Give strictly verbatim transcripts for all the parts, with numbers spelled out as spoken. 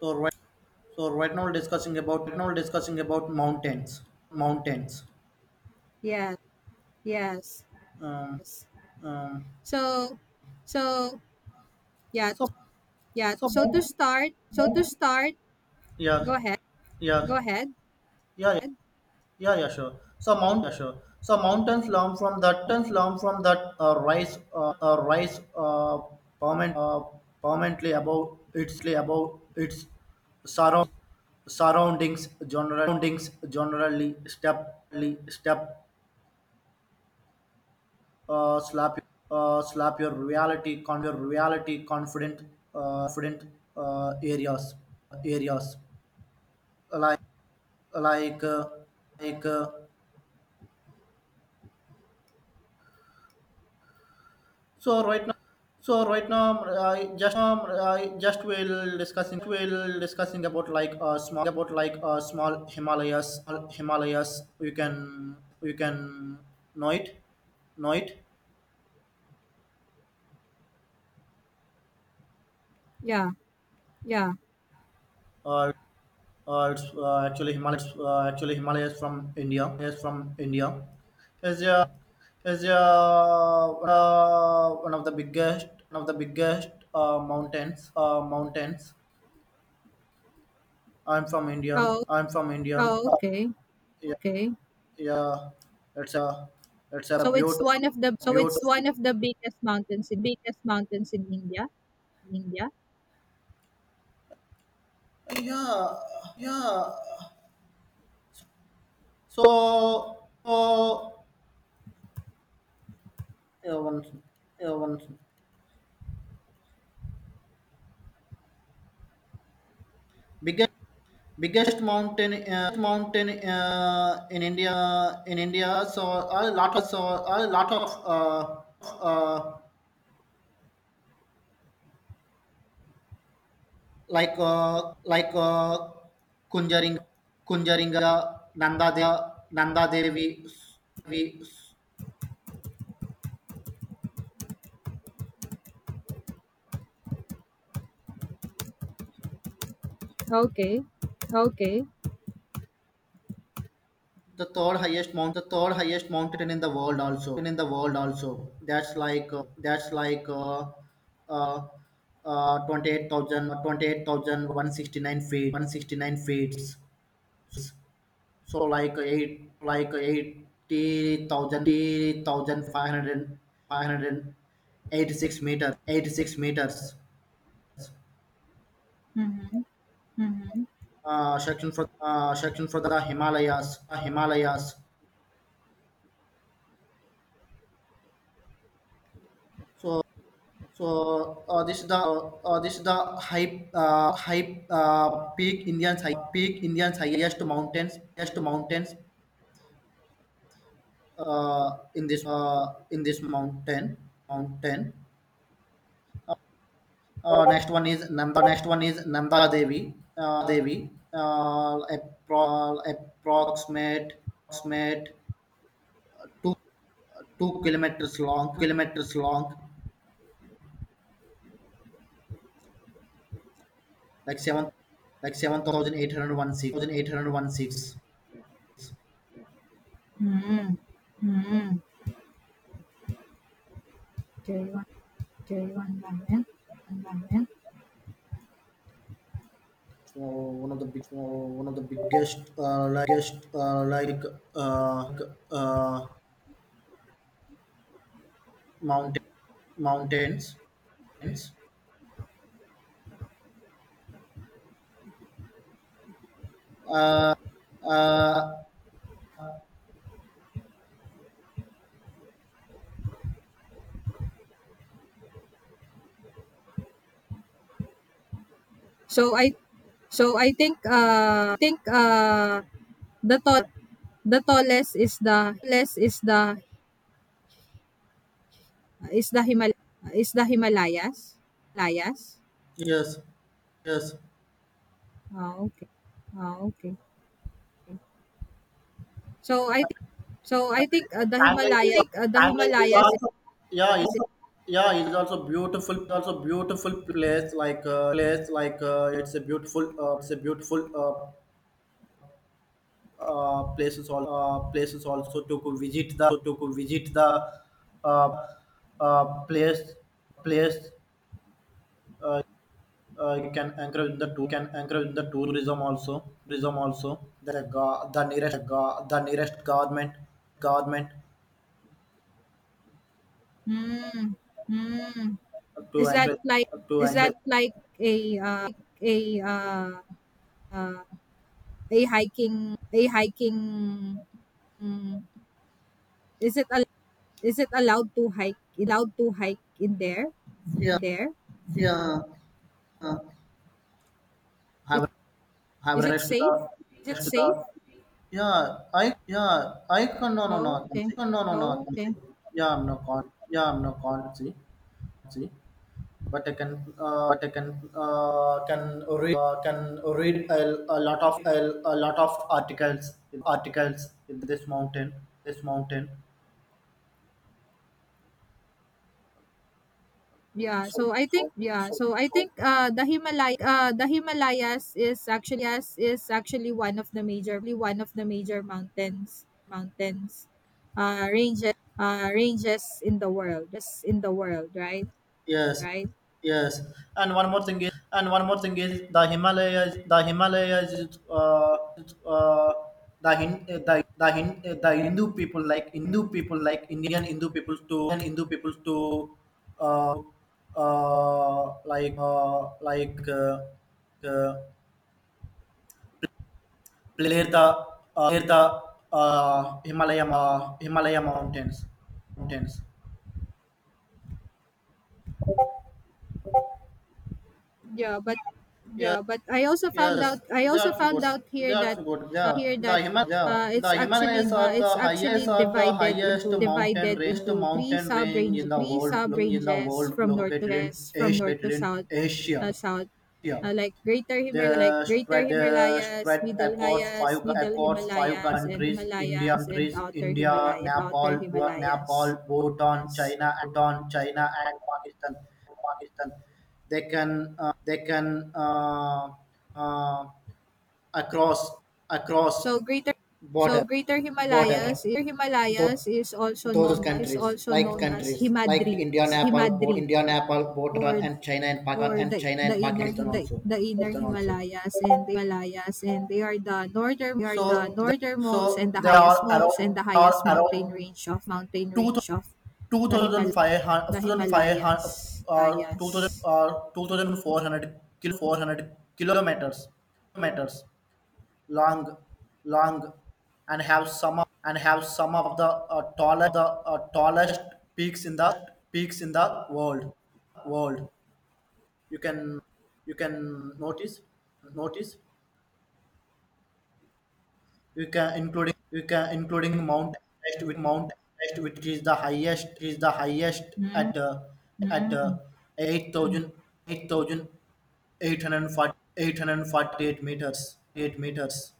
So right, so right now we're discussing about right now we're discussing about mountains, mountains. Yes, yes, Um, yes. um, So, so yeah, so yeah. so So to mount, start, so to mount. start, Yeah, go ahead, yeah, go ahead. yeah, yeah, yeah, yeah, sure. So mount, yeah, sure. So mountains learn from that mountains learn from that uh, rise uh, uh, rise uh, permanent uh, permanently about its about its surround surroundings general surroundings generally step step uh, slap uh, slap your reality con your reality confident uh, confident uh, areas areas like like uh, like uh, so right now so right now I just um, I just will discussing will discussing about like uh, small about like uh, small Himalayas small Himalayas you can you can know it know it. Yeah, yeah. Uh, Uh, it's uh, actually Himalayas. Uh, actually Himalayas from India. Is from India. Is uh, is uh, uh, one of the biggest one of the biggest uh, mountains. Uh, mountains. I'm from Indians. Oh, I'm from Indians. oh, Uh, okay, Yeah, okay. yeah. It's a it's a So it's one beautiful, of the so it's beautiful. one of the biggest mountains in biggest mountains in India, in India. Yeah, yeah. So, so, yeah, one, yeah, one. Biggest. Biggest mountain uh, mountain uh, in India in India so a lot of so a lot of uh, uh, like uh, like uh, Kunjaring Kunjaringa, Nanda De, Nanda Devi, we Okay, okay. the third highest mount the third highest mountain in the world also in the world also. That's like uh, that's like uh, uh, uh, twenty-eight thousand feet one hundred sixty-nine feet So like eight, like eighty thousand eighty thousand five hundred five hundred eighty six meters, eighty six meters. Mm-hmm, mm-hmm, Uh, section for uh, section for the Himalayas, uh, Himalayas. So so uh, this is the uh, this is the high uh, high uh, peak Indians high peak Indians, highest mountains highest mountains uh, in this uh, in this mountain mountain. Uh, next one is Nanda. Next one is Nanda Devi. Uh, Devi. Uh, appro- approximate, approximate two two kilometers long. Kilometers long. Like seven, like seven thousand eight hundred one six. Thousand eight hundred one six. mm-hmm, mm-hmm. Okay, one, okay, one moment, one moment. So one of the big, so one of the biggest, uh, like, biggest, uh, like, uh, uh, mountain, mountains. Uh, So I so I think uh think uh the tall the tallest is the less is the is the Himal is the Himalayas. Himalayas. yes, yes. Oh, okay. Oh, okay. So I think so I think uh, the Stanley is Himalaya think, uh, the Stanley is Himalayas is also, yeah is is yeah it is also beautiful also beautiful place, like uh, place like uh, it's a beautiful uh, it's a beautiful uh, uh, places, all uh, places also to go visit the to go visit the uh, uh, place place uh, uh, you can encourage the tour can encourage the tourism also tourism also the go- the nearest go- the nearest government government mm, mm. to is that encourage like to is that encourage like a uh, a uh, uh, a hiking a hiking mm, is it a Is it allowed to hike? Allowed to hike in there? yeah There? Yeah, uh, Is, have have is it rest the safe? Is it rest the safe? yeah I yeah I can no no no Oh, can okay. see. no no no Oh, can okay. see. Yeah I'm no con yeah I'm no con see See, but I can uh, but I can uh, can read uh, can read a, a lot of a, a lot of articles articles in this mountain this mountain Yeah, so so I so think yeah, so so I so think uh the Himalay uh the Himalayas is actually yes, is actually one of the major really one of the major mountains mountains uh ranges uh ranges in the world. Just in the world, right? Yes, Right? yes. And one more thing is, and one more thing is the Himalayas. The Himalayas is uh, is, uh, the Hin, uh, the the Hin, uh, the Hindu people like Hindu people like Indian Hindu people, to and Hindu people to uh, uh, like uh, like uh, uh, play the uh, play the uh, Himalaya uh, Himalaya mountains mountains. yeah but Yeah. yeah but i also found out Yes, i also that's good. found out here That's that good. Yeah, the Himal yeah, uh, the it's actually Himalayas are uh, the it's actually highest are the divided into highest mountain divided range into three mountain sub range range in the three world sub in the ranges world from north to located in from Asia. north Located to in south, uh, Asia. south Yeah. uh like greater Himalaya like the greater spread the himalayas Spread middle across himalayas five middle across five Himalayas and countries: India, Himalayas and countries outer India Himalayas outer Nepal, Bhu- himalayas Nepal Bhutan, Yes. China Bhutan China, and Pakistan Pakistan they can uh, they can uh, uh, Across across So Greater so border Greater Himalayas border those, Himalayas is also those known as countries also like known as countries like Himadri, India, Nepal, Bhut- Himadri, India, Nepal, or Bhutan, and China and or Pakistan and the China the and inner Pakistan Him- the, also. the inner Pakistan also. Himalayas and the Himalayas and they are the northern they are the So the, northernmost and so the there highest are most and around the highest are mountain around range of mountain two range of two the thousand Himal five the hundred five Himalayas. hundred or two thousand Himalayas. or two thousand four hundred kilo four hundred kilometers meters long, long, and have some of, and have some of the uh, tallest the uh, tallest peaks in the peaks in the world. World, you can you can notice notice you can including you can including Mount Everest, with Mount Everest which is the highest is the highest Mm, at uh, at uh, mm, mm, eight thousand meters eight meters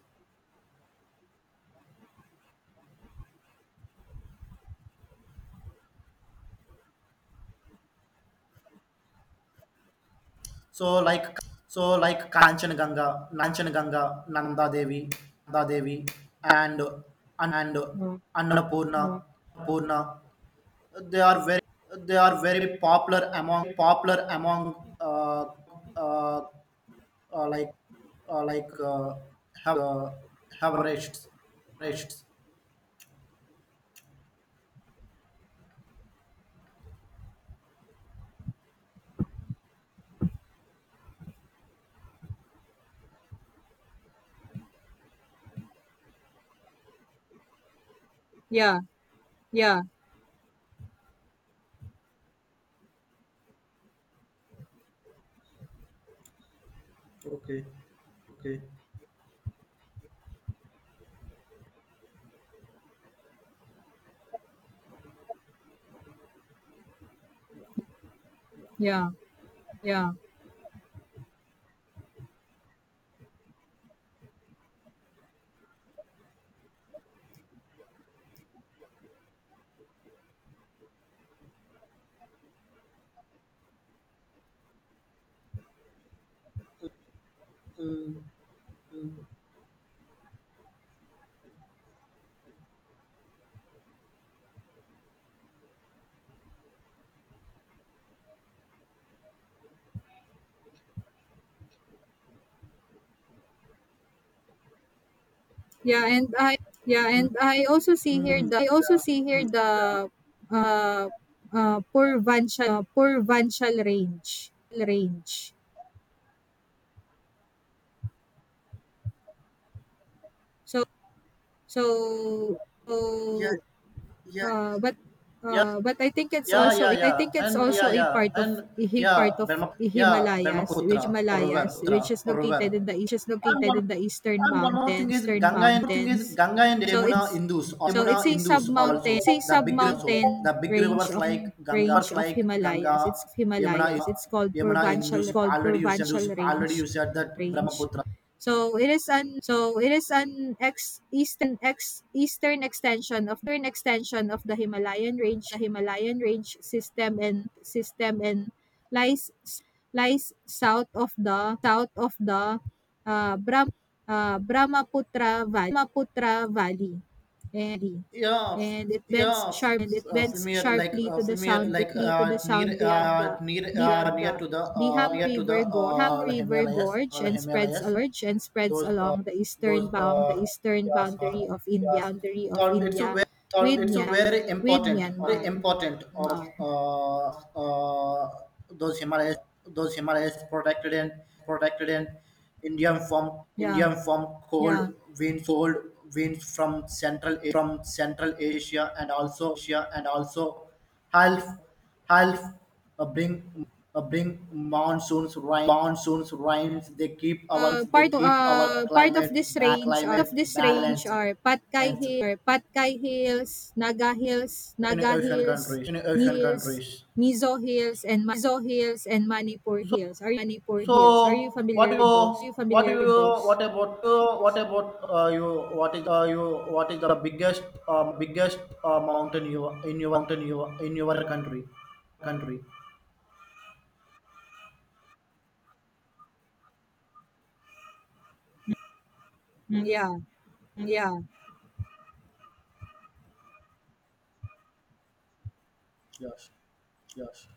so like so like Kanchanaganga, Nanchanaganga, Nanda Devi, Nanda Devi, and and mm. Annapurna, Purna. They are very they are very popular among popular among uh, uh, uh, like uh, like uh, have uh, have rests rests. Yeah, yeah, Okay. Okay. yeah, yeah. Mm, mm, Yeah, and I yeah, and I also see here mm, yeah, mm, the uh uh Purvanshal range. So so so, Yeah. Yeah. Uh, but yeah, uh, but I think it's Yeah, also yeah, I yeah. think it's And also yeah, a yeah. part of And a yeah, part of Brahma, yeah, Himalayas, which Brahmaputra or river, Himalayas, which Putra is or river. located in the which is And located one, in the eastern and one more mountain, thing is, eastern Ganga and thing is mountains. Ganga and So it's Yamuna Hindus, so it's Yamuna a sub Hindus mountain, also it's a the sub big rivers, also. mountain the big range rivers of like Ganga, range rivers of like Himalayas. Ganga, It's Yamuna, Himalayas. It's called Yamuna Purvanchal Hindus called already you said, Purvanchal range already you said that range. Brahmaputra. So it is an so it is an ex eastern ex eastern extension of eastern extension of the Himalayan range, the Himalayan range system and system and lies lies south of the south of the uh, Brahm, uh, Brahmaputra Valley, Brahmaputra Valley. And Yeah f- and it bends yeah sharp and f- it uh, bends familiar like sharply uh, to the familiar sound like quickly to the uh, near sound beyond uh, the near uh, beyond near the to the uh, Dihang near to the River Gorge Dihang uh, River himalayas uh, Gorge, and spreads himalayas along and spreads those uh, along the those eastern bound the uh, eastern yes, uh, boundary of India yes. boundary of Thought it's a India, very, thought with it's a Mya very with important, very Myanmar. important of Myanmar, uh, uh, those Himalayas, those Himalayas protected and protected and Indian from Yeah, Indian from cold yeah. winds, cold winds from Central from Central Asia, and also Asia and also half half uh, bring uh, bring monsoons, rain monsoons rains. They keep our Uh, They part keep our uh, part of climate this ba- range are, of climate this range balanced. are Patkai Balanced Hill, Patkai Hills, Naga Hills, in Naga Asian Hills, countries. In Mi- Asian Hills, countries. Mizo Hills, and Ma- Mizo Hills and Manipur So, Hills. Are you Manipur so Hills? Are you what familiar do with you, those? Are you what do familiar with you, those? what about uh, what about uh, you? What is uh, you? What is the biggest um, biggest uh, mountain you in your mountain you in your country? Country. Mm, yeah, mm, yeah. Yes. Yes.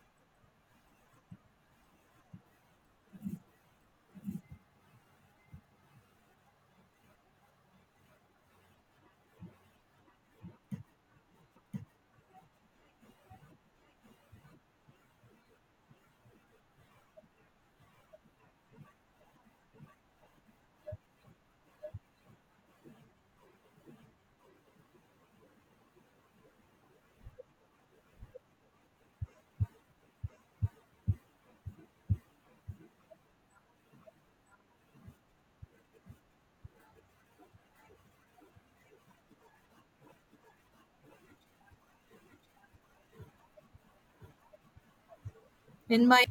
In my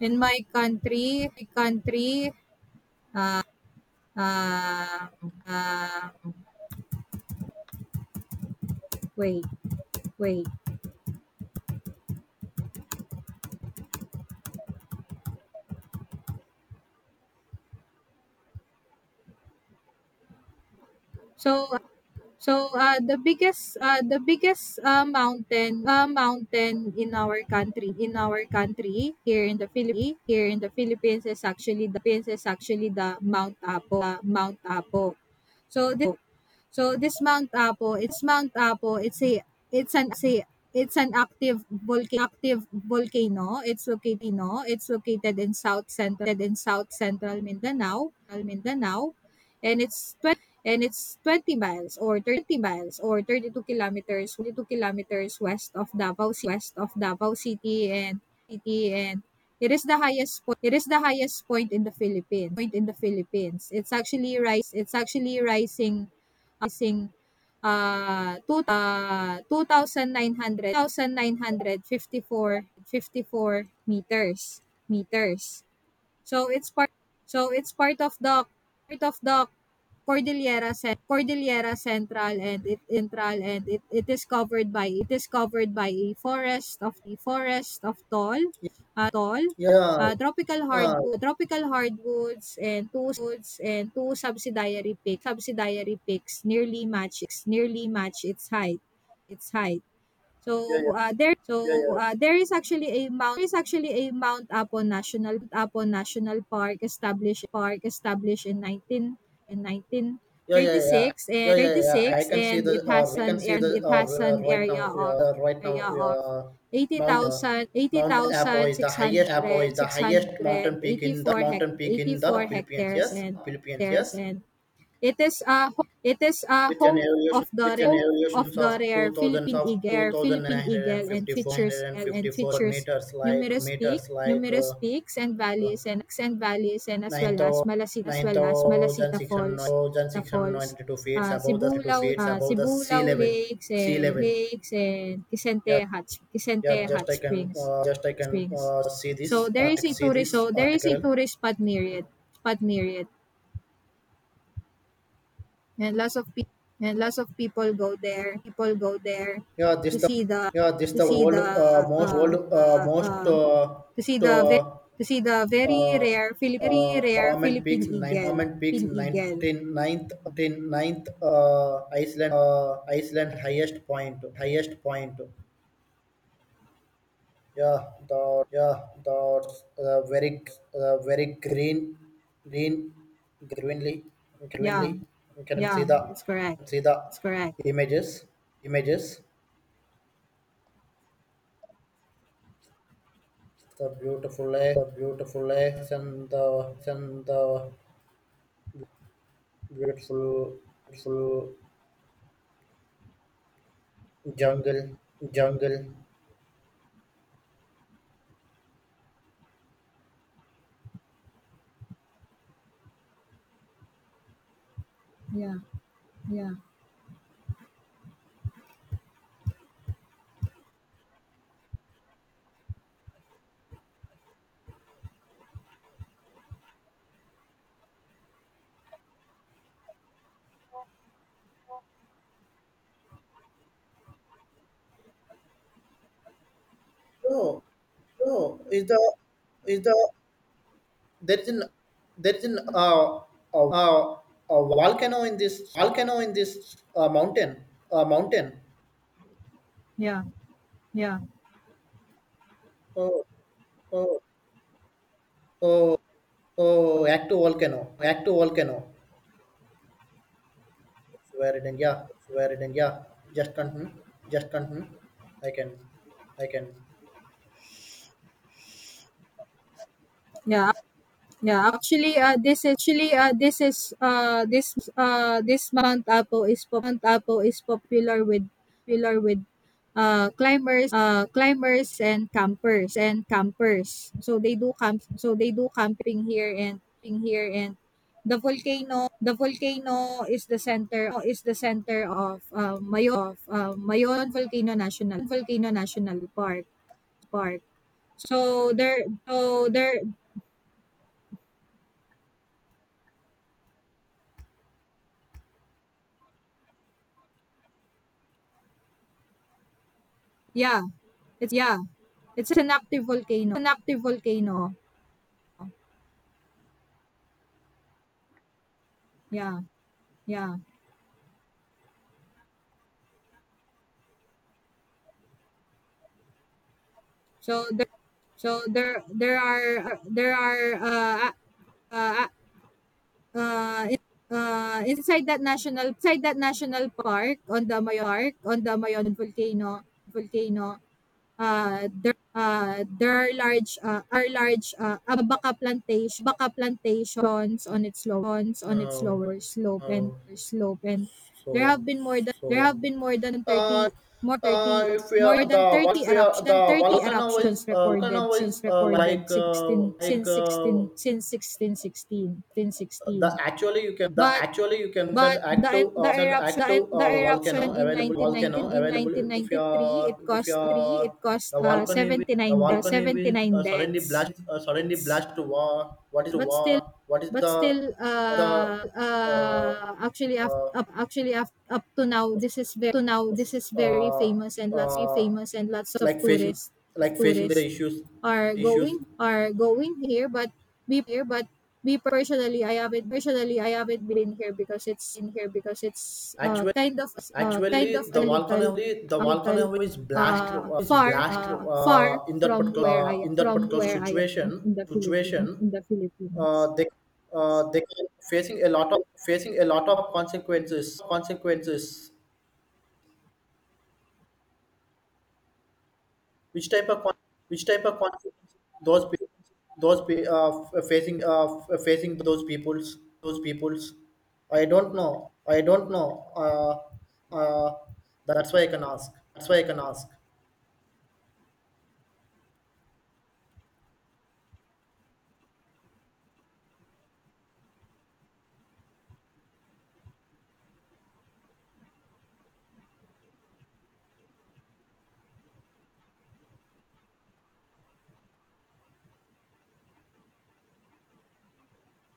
in my country, my country. Um, um, wait, wait. So So uh, the biggest uh, the biggest uh, mountain uh, mountain in our country in our country here in the Philippines is actually the Mount Apo. Uh, Mount Apo. So this so this Mount Apo it's Mount Apo. It's a it's an say it's an active volcano. Active volcano. It's located no, it's located in south central in south central Mindanao, Mindanao, and it's and it's twenty miles or thirty miles or thirty two kilometers thirty two kilometers west of Davao west of Davao City and city and it is the highest point. It is the highest point in the Philippines point in the Philippines it's actually rise it's actually rising rising uh, two, uh two thousand nine hundred meters. Meters So it's part so it's part of the part of the Cordillera Cen- Cordillera Central and it central and it, it is covered by it is covered by a forest of the forest of tall uh, tall Yeah, uh, tropical Ah, hardwood tropical hardwoods and two woods and two subsidiary peaks subsidiary peaks nearly match nearly match its height. its height So yeah, uh, yeah, there so yeah, uh, there is actually a Mount there is actually a Mount Apo National Apo National Park established park established in nineteen in nineteen yeah, yeah, thirty yeah, six and yeah, yeah, yeah, thirty six yeah. I can see and the it has uh, I an can see and the it has an uh, right now area of yeah, uh, right now area of uh, eighty eighty Mount uh, thousand eighty Mount Apo thousand is six the six highest Apo hundred is the six highest hundred mountain peak eighty in the four hect mountain peak eighty in the four Philippines. hectares Yes, and Philippines. hectares Yes, and It is a it is a with an home elevation of the with an home elevation of the of rare two thousand Philippine of two eagle, thousand Philippine nine hundred and eagle, and fifty features and four features meters, like numerous peaks, meters, like. numerous Uh, peaks and uh, valleys and and valleys and as nine well as Malasita as well as thousand Malasita six Falls, the hundred falls. ninety-two feet Uh, above the two Sibulao feet uh, above the sea Sibulaw level. Lakes Sea and level. Lakes and Kisente Yeah, Hot yeah. Kisente Just Hot I can Springs, uh, Just I can Springs. uh, see So this there is article. a See tourist this so there is a article. tourist spot near it, spot near it and lots of pe- and lots of people go there people go there Yeah, this to the see the yeah this to the see Old, the uh, most uh, old uh, uh, most uh, uh, to see to, the ve- uh, to see the very uh, rare Philip very uh, rare Parliament peaks Philippine nine eagle Parliament peaks pin eagle nineteen ninth, ninth uh, Iceland uh, Iceland highest point highest point Yeah, the yeah the uh, very uh, very Green, green greenly, greenly Yeah, you can see yeah, the it's correct, see the it's correct. images, images the beautiful eh, the beautiful lakes and the and the beautiful beautiful jungle jungle Yeah, yeah, Oh, oh, is the is the there is an there is an uh, a, a, a volcano in this volcano in this uh, mountain uh, mountain. yeah, yeah, Oh oh oh oh! Active volcano active volcano. Swear it in yeah swear it in yeah. Just continue just continue. I can I can. yeah. Yeah, actually, uh, this is actually uh, this is uh, this uh, this Mount Apo is pop- Mount Apo is popular with popular with uh, climbers, uh, climbers and campers and campers. So they do camp. So they do camping here and here and the volcano. The volcano is the center is the center of uh, Mayon of uh, Mayon Volcano National Volcano National Park Park. So there so there Yeah. It's yeah. It's an active volcano. An active volcano. Yeah. Yeah. So there so there there are there are uh uh uh, uh inside that national inside that national park on the Mayon Park on the Mayon volcano, volcano uh, there uh, there are large uh, are large uh, abaca plantation abaca plantations on its low on its Oh lower slope and oh slope and there so have been more than there so. have been more than Uh, thirty more uh, thirty if we more are the than vol- thirty if we are eruptions than the 30 volcano is eruptions uh, recorded volcano is since uh, recorded like uh, sixteen like since uh, sixteen since sixteen sixteen. the actually you can the but actually you can said But the active, the uh, said eruption active the uh, volcano eruption available in volcano 1919 available if in 1993 it your, if cost three it your cost the uh, volcano will- the seventy nine volcano de- is 79 uh, suddenly deaths. blast uh, suddenly Deaths. blast to war, what is the but still war what is but the still the uh uh, uh actually up, uh, up actually up, up to now this is very to now this is very uh, famous and lots uh, famous and lots of like facing tourists of like facing the tourists issues are issues going are going here but we here but we personally I haven't personally I haven't been here because it's in here because it's uh, Actually, kind of uh, kind of actually, a the volcano little the a little volcano is blasted uh, uh, is far blasted uh, far uh, in that from particular where uh, I in that from particular where I situation in the Philippines, situation. in the Philippines. Uh, they uh, they are facing a lot of facing a lot of consequences consequences. Which type of con- which type of consequences those people those pe- uh, f- facing uh, f- facing those peoples those peoples. I don't know. I don't know. Uh, uh, that's why I can ask. That's why I can ask.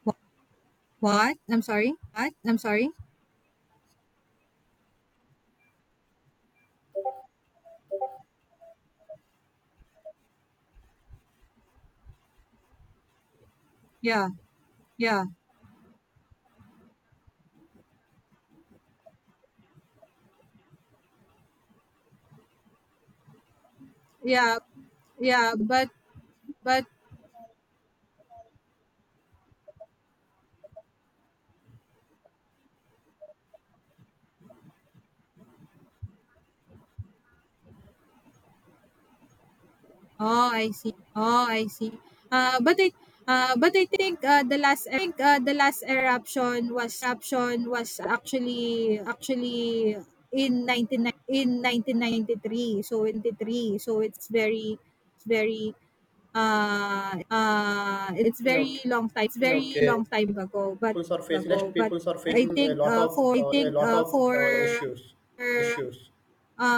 Wh- What? I'm sorry. What? I'm sorry. Yeah. Yeah. Yeah. Yeah, but but oh, I see. Oh, I see. Uh, but I uh, but I think uh, the last I think uh, the last eruption was was actually actually in nineteen in nineteen ninety three. So in ninety three. So it's very it's very uh uh it's Okay. very long time it's very Okay. long time ago but Peoples are facing ago rest, but peoples are i facing a think lot uh of for i uh, a think lot uh of uh, for issues. Issues.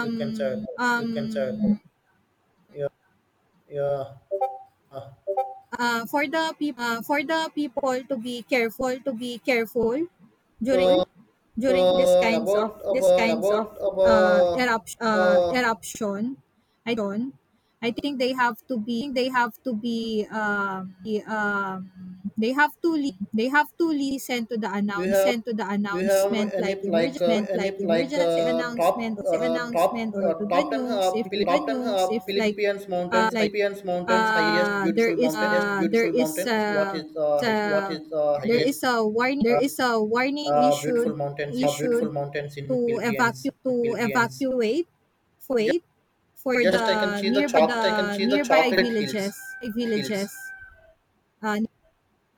You can say that. you can say that. um, yeah yeah. Uh, uh, for the peop- uh, for the people to be careful to be careful so during so during this kinds of about, this about kinds about of uh, about erupt, uh, uh, eruption I don't I think they have to be they have to be um, the, um, they have to li- they have to listen to the do you announce have send to the do you have announcement any like like uh, emergent any like like emergency uh, top, announcement or uh, top announcement or uh, to top the ten, news uh, if to Phil- the top ten news uh, if like Philippines uh, mountains, like Philippines mountains highest uh, there beautiful is mountain, highest uh, there beautiful is mountains what uh, is uh, high, what uh, is uh, there highest is a warning there uh, is a warning uh, issued beautiful mountains uh, beautiful issued mountains in to Philippines evacuate in to Philippines evacuate just, wait for just I can the see the nearby Chocolate I can the see the nearby chocolate hills villages hills villages uh,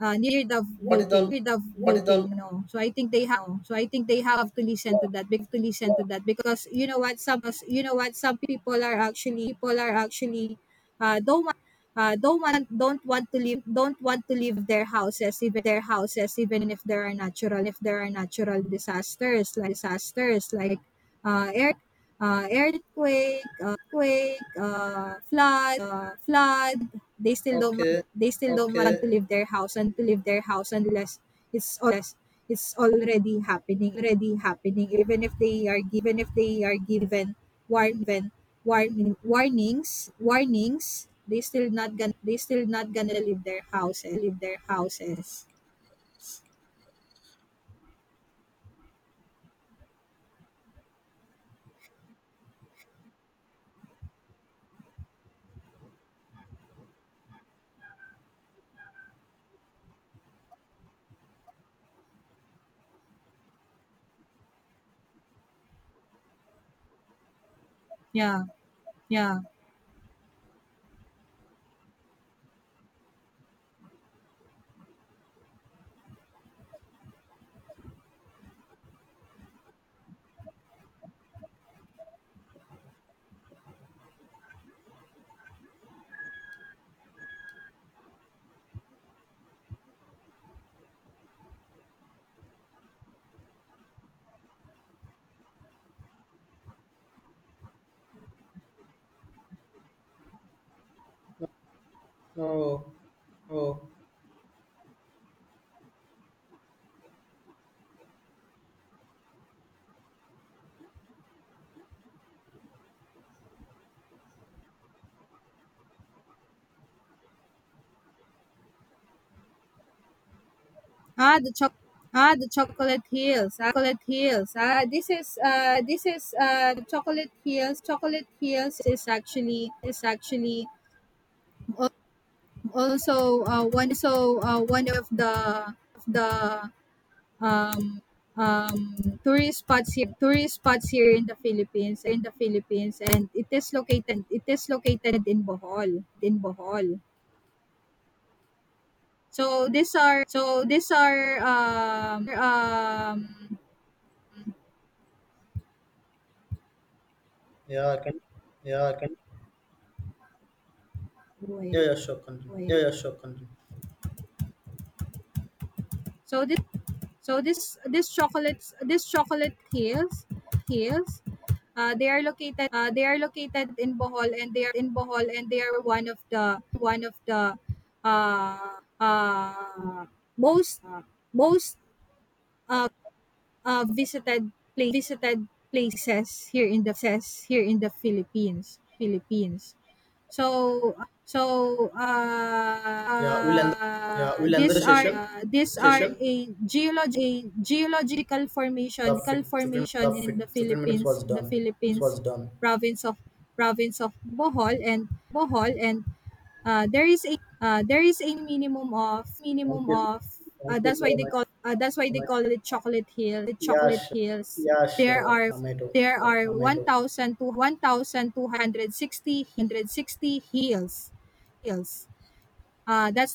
uh, near the what is volcano. the the what is the volcano. So I think they have So I think they have to listen to that because to listen to that because you know what some you know what some people are actually people are actually uh, don't want uh, don't want don't want to leave don't want to leave their houses even their houses even if there are natural if there are natural disasters like disasters like uh, air uh, earthquake, uh, quake, uh, flood, uh, flood. They still don't want, okay they still don't okay want to leave their house and to leave their house unless it's unless it's already happening, already happening. Even if they are given, if they are given warn, warn, warnings, warnings, they still not gonna, they still not gonna leave their houses, leave their houses. Yeah, yeah. No oh. Ah, the choc ah, the Chocolate Hills. Ah, Chocolate Hills. Ah, this is uh this is uh the Chocolate Hills. Chocolate Hills is actually is actually al- also uh one so uh one of the of the um um tourist spots here tourist spots here in the Philippines in the Philippines and it is located it is located in Bohol in Bohol. So these are so these are um, um, Yeah, I can. Yeah, I can. Yeah, wait. yeah, sure. Continue. Yeah, Wait. yeah, sure. Continue. So this so this this chocolates this chocolate hills hills uh, they are located uh, they are located in Bohol and they are in Bohol and they are one of the one of the uh, uh, most most uh, uh, visited pla- visited places here in the says here in the Philippines Philippines so so uh, Yeah, we'll end uh, Yeah, we'll end the these are session. uh, these are Session. a geolog a geological The formation fit, fifteen. The formation fit, in the fifteen minutes Philippines was the done. This was Philippines done. province of province of Bohol and Bohol and uh, there is a uh, there is a minimum of Thank minimum you. of Thank uh, you that's why so they much. call uh, that's why So they much. call it chocolate hill the Yeah, chocolate sure. hills Yeah, there sure. are I may do. there are I may do. one thousand two hundred one thousand two hundred sixty hills, uh, that's